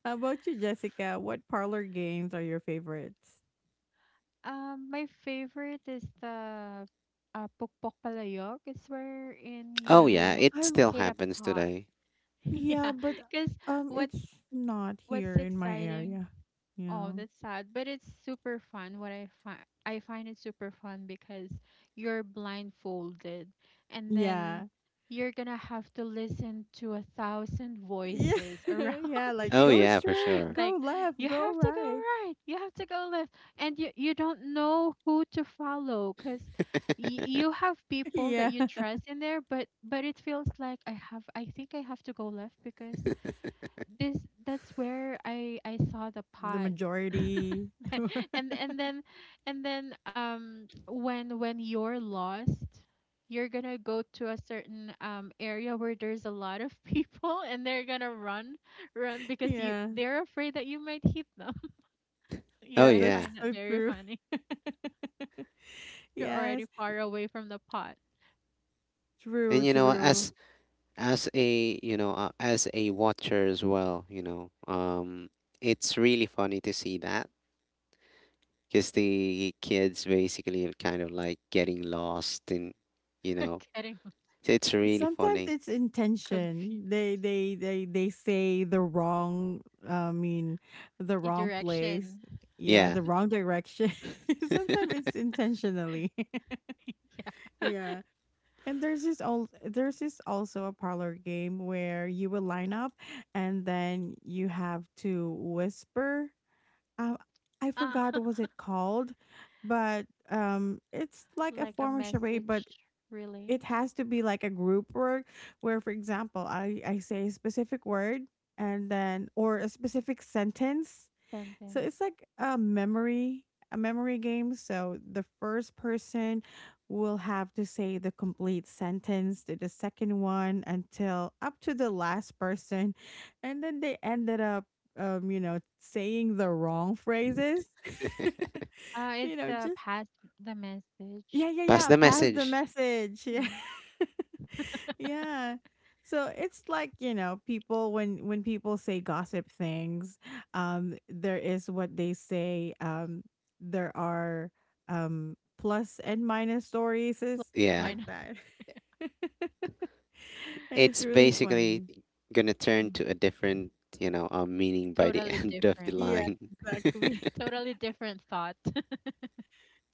How about you, Jessica? What parlor games are your favorites?
My favorite is the pokpok palayok. It's wherein
oh yeah,
you
it
I.
still
hit a
happens
pot.
today.
Yeah,
Yeah,
but
because what's
it's not
what's
here in my
exciting?
area. You
Oh,
know.
that's sad, but it's super fun. What I find it super fun because you're blindfolded, and then
Yeah.
you're gonna have to listen to a thousand
Yeah.
voices around
Yeah. Like
you.
Oh
go
yeah, for
straight,
sure.
Like,
go left,
you
go
have to go
right.
right, you have to go left, and you don't know who to follow, because you have people that
Yeah.
you trust in there, but it feels like I think I have to go left, because this that's where I saw the
The
pot.
majority.
and and then and then when you're lost, you're gonna go to a certain area where there's a lot of people, and they're gonna run because you
Yeah.
they're afraid that you might hit them. Yeah,
Oh
Yeah.
I
That's
yeah.
find that
so
very
true.
funny. You're already
Yes.
far away from the pot.
And
True.
you know,
True.
as a, as a watcher as well, it's really funny to see that, because the kids basically are kind of like getting lost in, you know,
Getting
so it's really
Sometimes
funny.
it's intention. They
confused.
they they they say the wrong I mean the
A
wrong place.
direction.
Yeah,
Yeah,
the wrong direction. Sometimes it's intentionally.
Yeah.
Yeah. And there's this old, there's this also a parlor game where you will line up and then you have to whisper. Um I
Uh,
forgot what was it called, but it's like a
like a
form of charade, but
message, really?
it has to be like a group work where for example I say a specific word and then or a specific sentence, so
Sentence.
it's like a memory game, so the first person will have to say the complete sentence to the second one until up to the last person, and then they ended up you know saying the wrong phrases.
It's
You know,
the
just
past, the message.
yeah, yeah,
pass
yeah,
the
pass the
message.
message. Yeah,
Mm,
yeah. So it's like, you know, people when people say gossip things, there is what they say, there are plus and minus stories is
Yeah,
like
mine.
that. And it's
it's
really
basically
funny.
gonna turn
Mm.
to a different, meaning by the
Totally
end of the
different.
Yeah,
line.
exactly.
Totally different thought.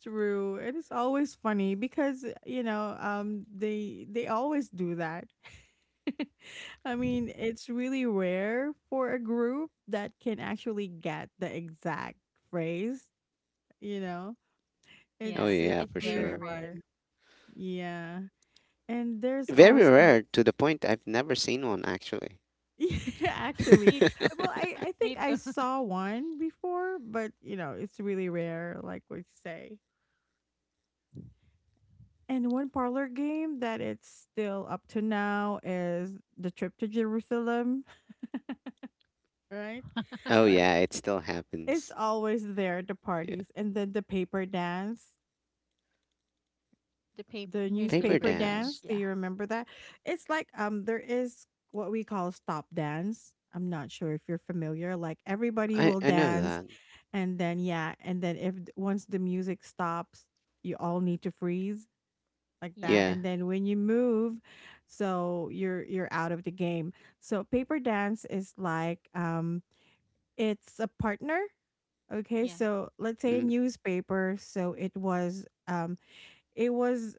True. And it's always funny because, eh, you know, they always do that. I mean, it's really rare for a group that can actually get the exact phrase, you know.
Oh
Yeah,
It's
yeah,
it's
for
really
very
sure.
fun.
rare.
Yeah. And there's
Very
also
rare to the point I've never seen one, actually.
yeah, actually.
Me too.
Well, I
Me
think
too.
I saw one before, but you know, it's really rare like what you say. And one parlor game that it's still up to now is the trip to Jerusalem, right?
Oh
Like
yeah, it still
it's
happens.
always there, the
Yeah,
parties. And then the paper dance,
The paper,
the
paper
newspaper
newspaper
dance.
dance.
dance. Do
Yeah.
you remember that? It's like there is what we call stop dance. I'm not sure if you're familiar. Like everybody
I
will
I know
dance
that.
and then yeah, and then if once the music stops, you all need to freeze like
Yeah.
that,
Yeah,
and then when you move, you're out of the game. So paper dance is like it's a partner. Okay,
Yeah.
so let's say a
mm,
newspaper. So it was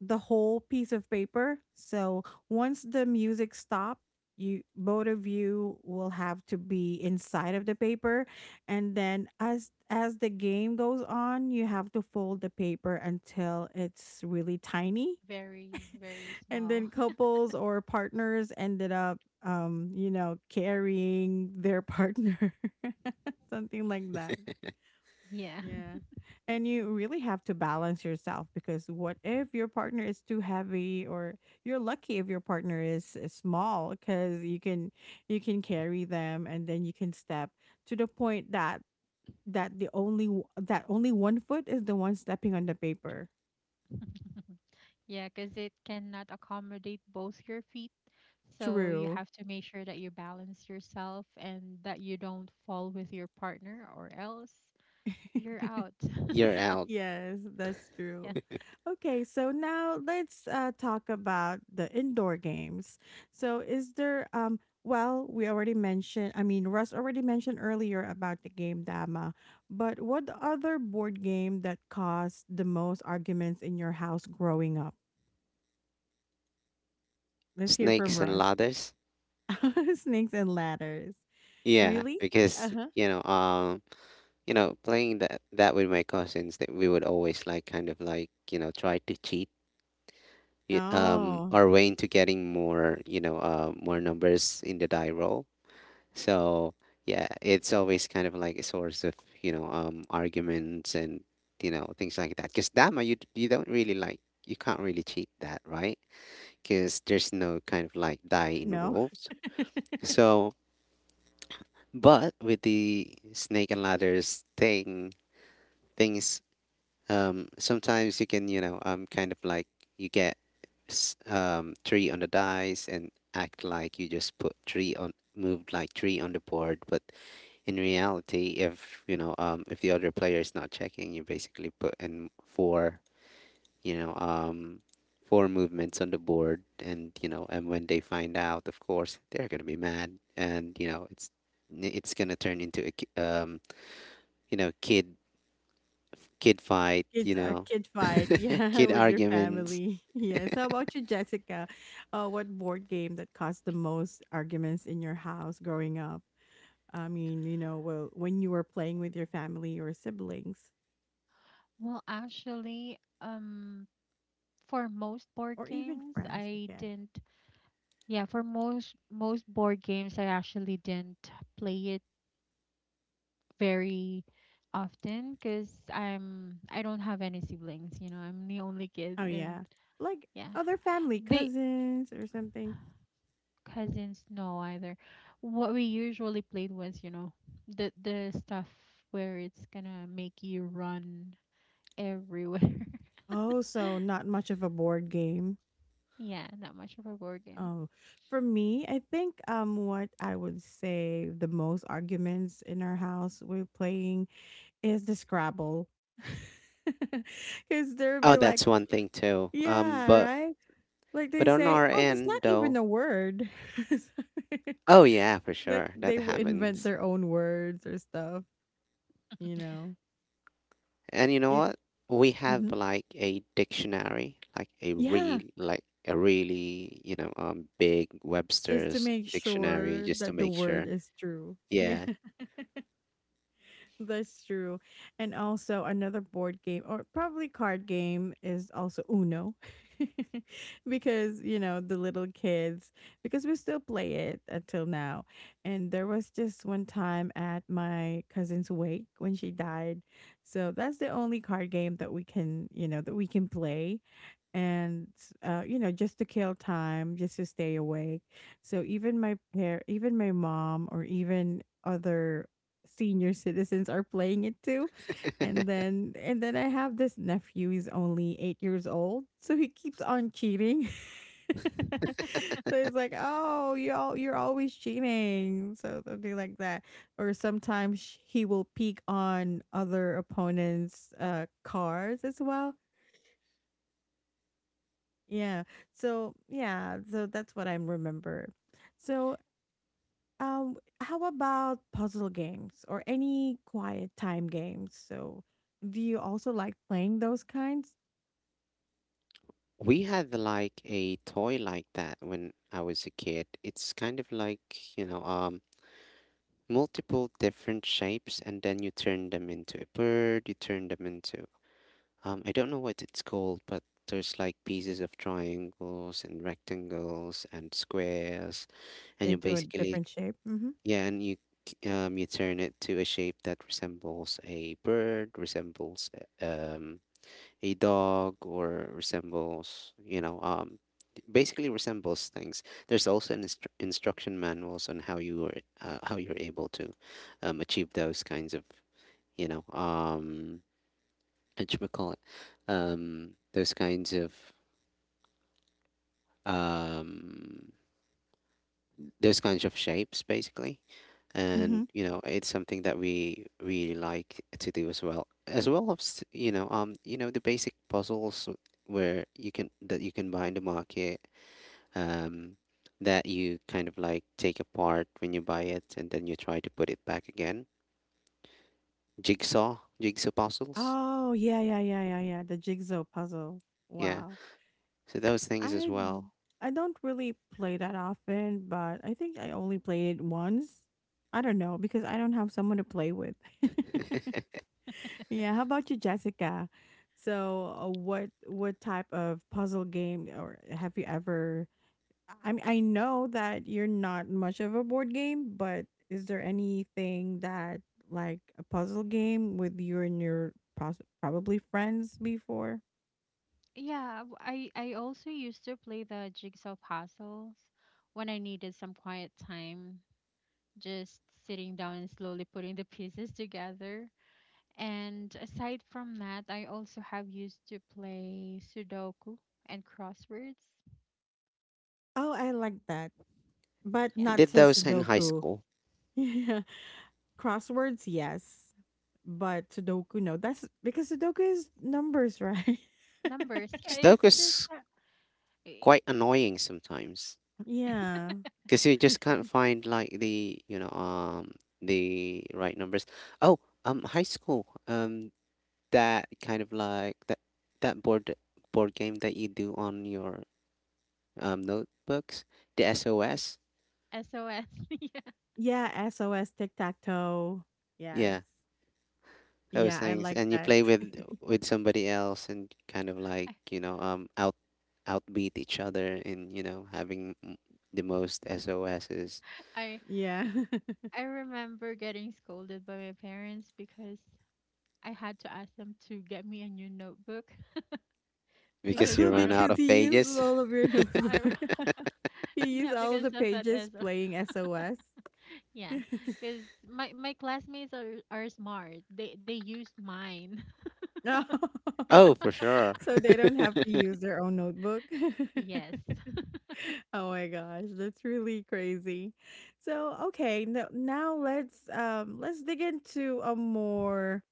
the whole piece of paper. So once the music stopped, you both of you will have to be inside of the paper, and then as the game goes on you have to fold the paper until it's really tiny,
Very, very
and
small.
then couples or partners ended up, carrying their partner, something like that.
Yeah.
Yeah. And you really have to balance yourself, because what if your partner is too heavy, or you're lucky if your partner is small, because you can carry them and then you can step to the point that the only w- that only 1 foot is the one stepping on the paper.
Yeah, because it cannot accommodate both your feet. So you
True.
have to make sure that you balance yourself and that you don't fall with your partner, or else you're out.
you're out.
Yes, that's
Yeah.
true. Okay, so now let's talk about the indoor games. So, is there Well, we already mentioned. I mean, Russ already mentioned earlier about the game Dama, but what other board game that caused the most arguments in your house growing up? Let's hear from
Snakes and
Russ.
ladders.
Snakes and ladders.
Yeah,
Really? Uh
because,
huh.
playing that with my cousins, that we would always like kind of like, try to cheat
Oh
our way into getting more, more numbers in the die roll. So yeah, it's always kind of like a source of, arguments and, things like that. Because Dama, you don't really like, you can't really cheat that, right? Because there's no kind of like die
no.
involved. So. But with the snake and ladders things, sometimes you can, kind of like you get, three on the dice and act like you just put three on, moved like three on the board, but in reality, if you know if the other player is not checking, you basically put in four, you know um four movements on the board. And, and when they find out, of course they're going to be mad. And, it's going to turn into a you know kid kid fight,
Kids
you
are
know,
kid fight, yeah,
kid
with your
arguments.
family. Yes. How about you, Jessica? What board game that caused the most arguments in your house growing up? I mean, you know, well, when you were playing with your family or siblings,
Well, actually, for most board
or even
games,
friends, I
I
guess.
didn't. Yeah, for most board games, I actually didn't play it very often because I don't have any siblings. You know, I'm the only kid,
Oh
and
yeah, like
yeah,
other family,
they
cousins or something.
cousins, no, either. What we usually played was, the stuff where it's gonna make you run everywhere.
Oh, so not much of a board game.
Yeah, not much of a board game.
Oh, for me, I think what I would say the most arguments in our house we're playing is the Scrabble. Because they'll
Oh,
be like,
that's one thing too. Um,
yeah,
but
right? Like they
but on
say,
our
oh, that's
end
not even
though,
a word.
oh yeah, for
like
sure that
they will invent
happens.
their own words or stuff, you know?
And you know
It's,
what? We have
mhm,
like a dictionary, like a real,
yeah,
like a really, big
just to
Webster's
make
dictionary,
sure
just to
that the
make
word
sure.
is true. Yeah.
Yeah,
That's true. And also another board game or probably card game is also Uno, because, you know, the little kids, because we still play it until now. And there was just one time at my cousin's wake when she died. So that's the only card game that we can, you know, that we can play, and you know, just to kill time, just to stay awake. So even my mom or even other senior citizens are playing it too. And then I have this nephew. He's only 8 years old, so he keeps on cheating. so he's like, oh, you all you're always cheating, so something like that. Or sometimes he will peek on other opponents' cars as well. Yeah. So, yeah, so that's what I remember. So, how about puzzle games or any quiet time games? So, do you also like playing those kinds?
we had like a toy like that when I was a kid. It's kind of like, you know um multiple different shapes, and then you turn them into a bird, you turn them into... I don't know what it's called, but there's like pieces of triangles and rectangles and squares, and you
Into a
basically,
different shape? Hmm.
yeah, and you you turn it to a shape that resembles a bird, resembles a- um a dog, or resembles, basically resembles things. There's also an instruction manuals on how you're able to, achieve those kinds of, you know um what you would call it, those kinds of, um, those kinds of shapes, basically. And,
Mhm.
it's something that we really like to do as well, as well as, the basic puzzles where you can buy in the market, um that you kind of like take apart when you buy it, and then you try to put it back again. Jigsaw puzzles,
Oh, yeah, yeah, yeah, yeah, yeah. The jigsaw puzzle.
yeah,
Wow.
so those things as
I
well.
I don't really play that often, but I think I only played it once. I don't know, because I don't have someone to play with. yeah. How about you, Jessica? So, what type of puzzle game, or have you ever, I mean, I know that you're not much of a board game, but is there anything that, like a puzzle game with you and your probably friends before?
Yeah, I also used to play the jigsaw puzzles when I needed some quiet time, just sitting down and slowly putting the pieces together. And aside from that, I also have used to play Sudoku and crosswords.
Oh, I like that, but
I
Yeah.
not
did
to
those in high
Sudoku.
school.
Yeah, crosswords, yes, but Sudoku, no. That's because Sudoku is numbers, right?
Numbers. Yeah, it's just
Sudokus
that eh,
quite annoying sometimes
yeah,
because you just can't find like the, the right numbers. Oh, high school, that kind of like that board game that you do on your, notebooks, the SOS.
SOS. Yeah.
yeah. SOS, tic tac toe. Yes.
Yeah, those
Yeah, I
things,
like
and you
that.
play with somebody else, and kind of like,
I,
outbeat each other in, having the most SOS's,
I
yeah.
I remember getting scolded by my parents because I had to ask them to get me a new notebook
because
because
you
one
run
of
out
because
of
he used
pages.
all of your
I
notebook. he used
yeah,
all
because
the
of that
pages
SOS.
playing SOS.
Yeah, because my classmates are smart. They used mine.
Oh, for sure.
so they don't have to use their own notebook.
Yes.
Oh my gosh, that's really crazy. So, okay, no, now let's dig into a more,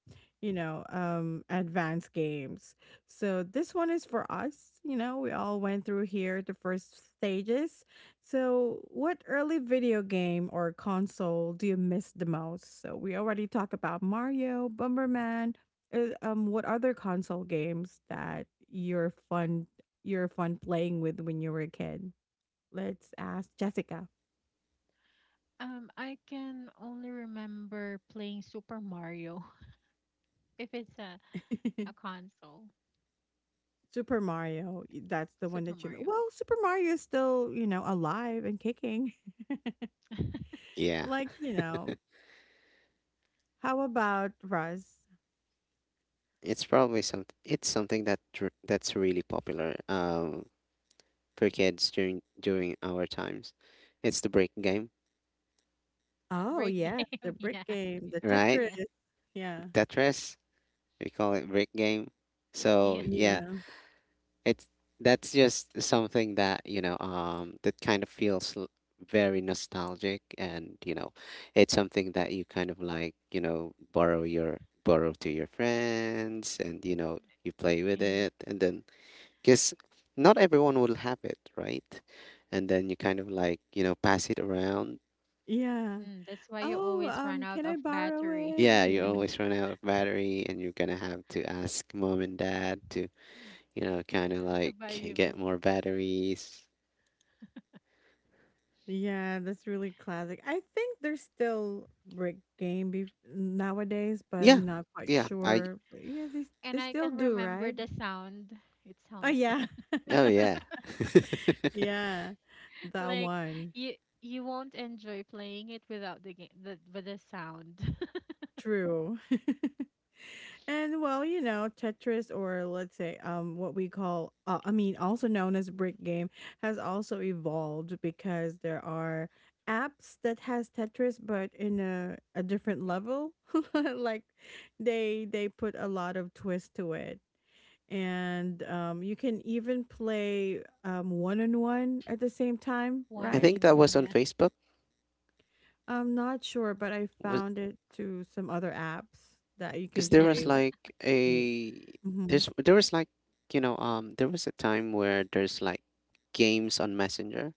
you know, advanced games. So, this one is for us, you know, we all went through here the first stages. So, what early video game or console do you miss the most? So, we already talked about Mario, Bomberman, what other console games that you're fun playing with when you were a kid? Let's ask Jessica.
I can only remember playing Super Mario if it's a console.
Super Mario, that's the one
Super
that you mean.
Mario.
Well, Super Mario is still, you know, alive and kicking.
Yeah,
Like, you know, how about Russ?
it's probably some. It's something that that's really popular, for kids, during our times. It's the break game,
Oh,
Break
yeah, the
game, yeah.
brick game, the
right?
Tetris.
Yeah,
Yeah.
Tetris, we call it break game. So
yeah,
yeah,
Yeah.
it's that's just something that, that kind of feels very nostalgic, and, it's something that you kind of like, borrow to your friends, and, you play with
yeah.
it, and then, because not everyone will have it, right? And then you kind of like, pass it around.
Yeah.
Mm, that's why you
Oh,
always run out
can
of
I borrow
battery
it?
Yeah, you
Yeah.
always run out of battery, and you're gonna have to ask mom and dad to, kind of
to
like
buy you.
get more batteries.
Yeah, that's really classic. I think there's still brick game nowadays, but
Yeah,
I'm not quite
yeah.
sure. But yeah,
And
they
I
still
can
do,
remember
right?
the sound. It
Oh
sounds
yeah.
fun.
Oh yeah.
Yeah, that
Like
one.
you you won't enjoy playing it without the game, the with the sound.
True. and well, you know, Tetris, or let's say what we call I mean also known as brick game, has also evolved, because there are apps that has Tetris but in a different level. like they put a lot of twist to it. And you can even play one on one at the same time,
I
One
right?
think
v
that
one,
was on
yeah,
Facebook.
I'm not sure, but I
Was
found it to some other apps that you
because
can
there
yeah.
play.
was like a
Mhm.
there's there was like there was a time where there's like games on Messenger.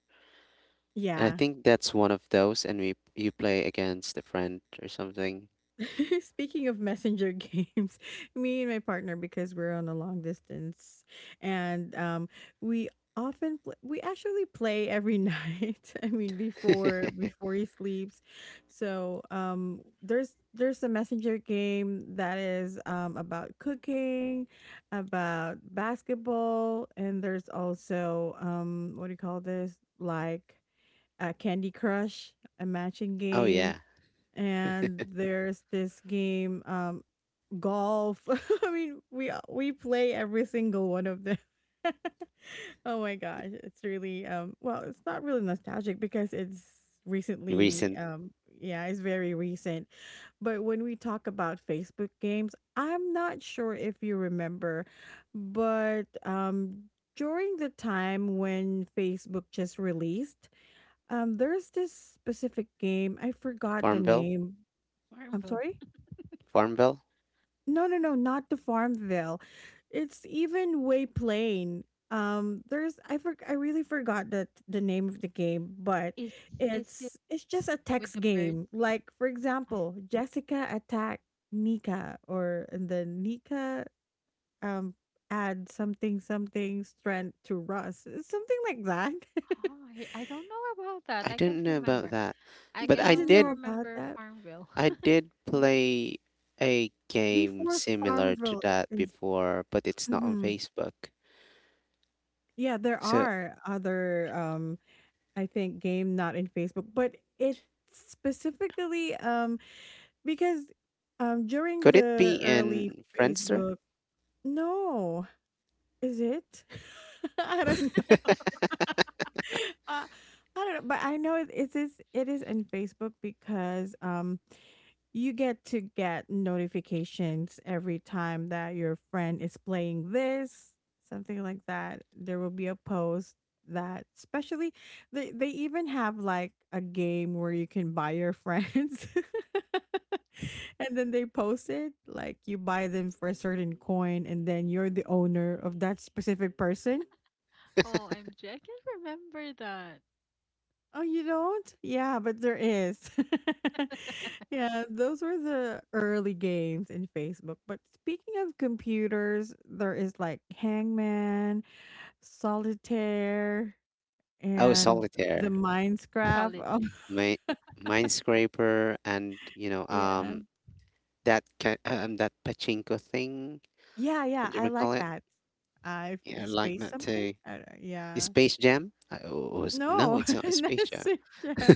And I
Yeah.
think that's one of those, and we you play against a friend or something.
Speaking of messenger games, me and my partner, because we're on a long distance, and we we actually play every night. I mean before he sleeps. So, there's a messenger game that is about cooking, about basketball, and there's also what do you call this? Like a Candy Crush, a matching
Oh
game.
yeah,
And there's this game, golf. I mean we play every single one of them. oh my gosh, it's really well, it's not really nostalgic because it's recently,
recent.
yeah, it's very recent. But when we talk about Facebook games, I'm not sure if you remember, but during the time when Facebook just released, there's this specific game, I forgot the
Farmville,
name. I'm
Farmville.
sorry?
Farmville.
No, no, no, not the Farmville. It's even way plain. There's I really forgot the name of the game, but
Is is
it's
it
just a text
with the birds?
game. Like for
I,
example, Jessica attack Nika, or and then Nika um add something strength to Russ, something like that.
oh, I don't know about
I
that. I
didn't
can't
know about
remember.
that,
you,
I
but
you
I
can
didn't
only
know
did.
about
remember
that
Farmville.
I did play a game
before
similar to
Farmville.
that
Is,
before, but it's not on
Mhm.
Facebook.
Yeah, there
So,
are other I think game not in Facebook, but it specifically, because during
could it
the
be
early
in Friendster?
Facebook, no, is it? I don't know. uh, I don't know, but I know it is in Facebook, because you get to get notifications every time that your friend is playing this, something like that. There will be a post that especially they even have like a game where you can buy your friends, and then they post it, like you buy them for a certain coin, and then you're the owner of that specific person.
Oh, OMG, I can't remember that.
Oh, you don't? Yeah, but there is. yeah, those were the early games in Facebook. But speaking of computers, there is like Hangman, Solitaire,
Oh,
and the
Solitaire,
Minecraft.
Solitaire.
my Minescraper, and,
Oh, yeah.
that that pachinko thing.
Yeah, yeah,
What do
I
we
like
call it?
that. I
Yeah, I like
space
that
something?
too.
I don't, yeah.
Space Jam? I was no,
No,
it's not Space
that's
Jam.
it. Yeah.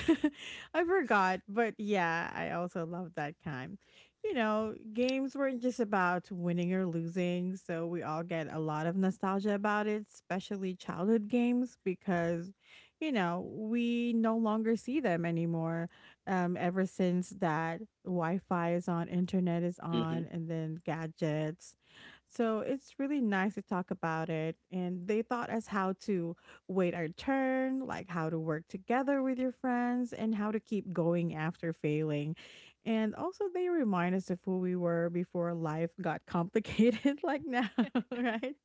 I forgot, but yeah, I also loved that time. You know, games weren't just about winning or losing, so we all get a lot of nostalgia about it, especially childhood games, because, you know, we no longer see them anymore. Ever since that Wi Fi is on, internet is
hmm
on, and then gadgets. So it's really nice to talk about it. And they taught us how to wait our turn, like how to work together with your friends, and how to keep going after failing. And also, they remind us of who we were before life got complicated, like now, right?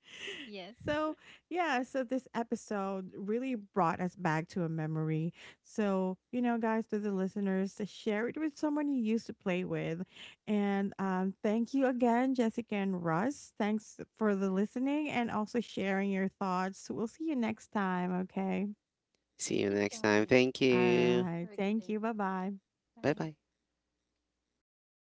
Yes.
So, yeah, so this episode really brought us back to a memory. So, you know, guys, to the listeners, share it with someone you used to play with, and thank you again, Jessica and Russ. Thanks for the listening and also sharing your thoughts. We'll see you next time, okay?
See you
Thank you
next
so
time.
much.
Thank
All
you.
right.
Have a good
Thank you.
day.
Bye bye.
Bye bye.
Bye.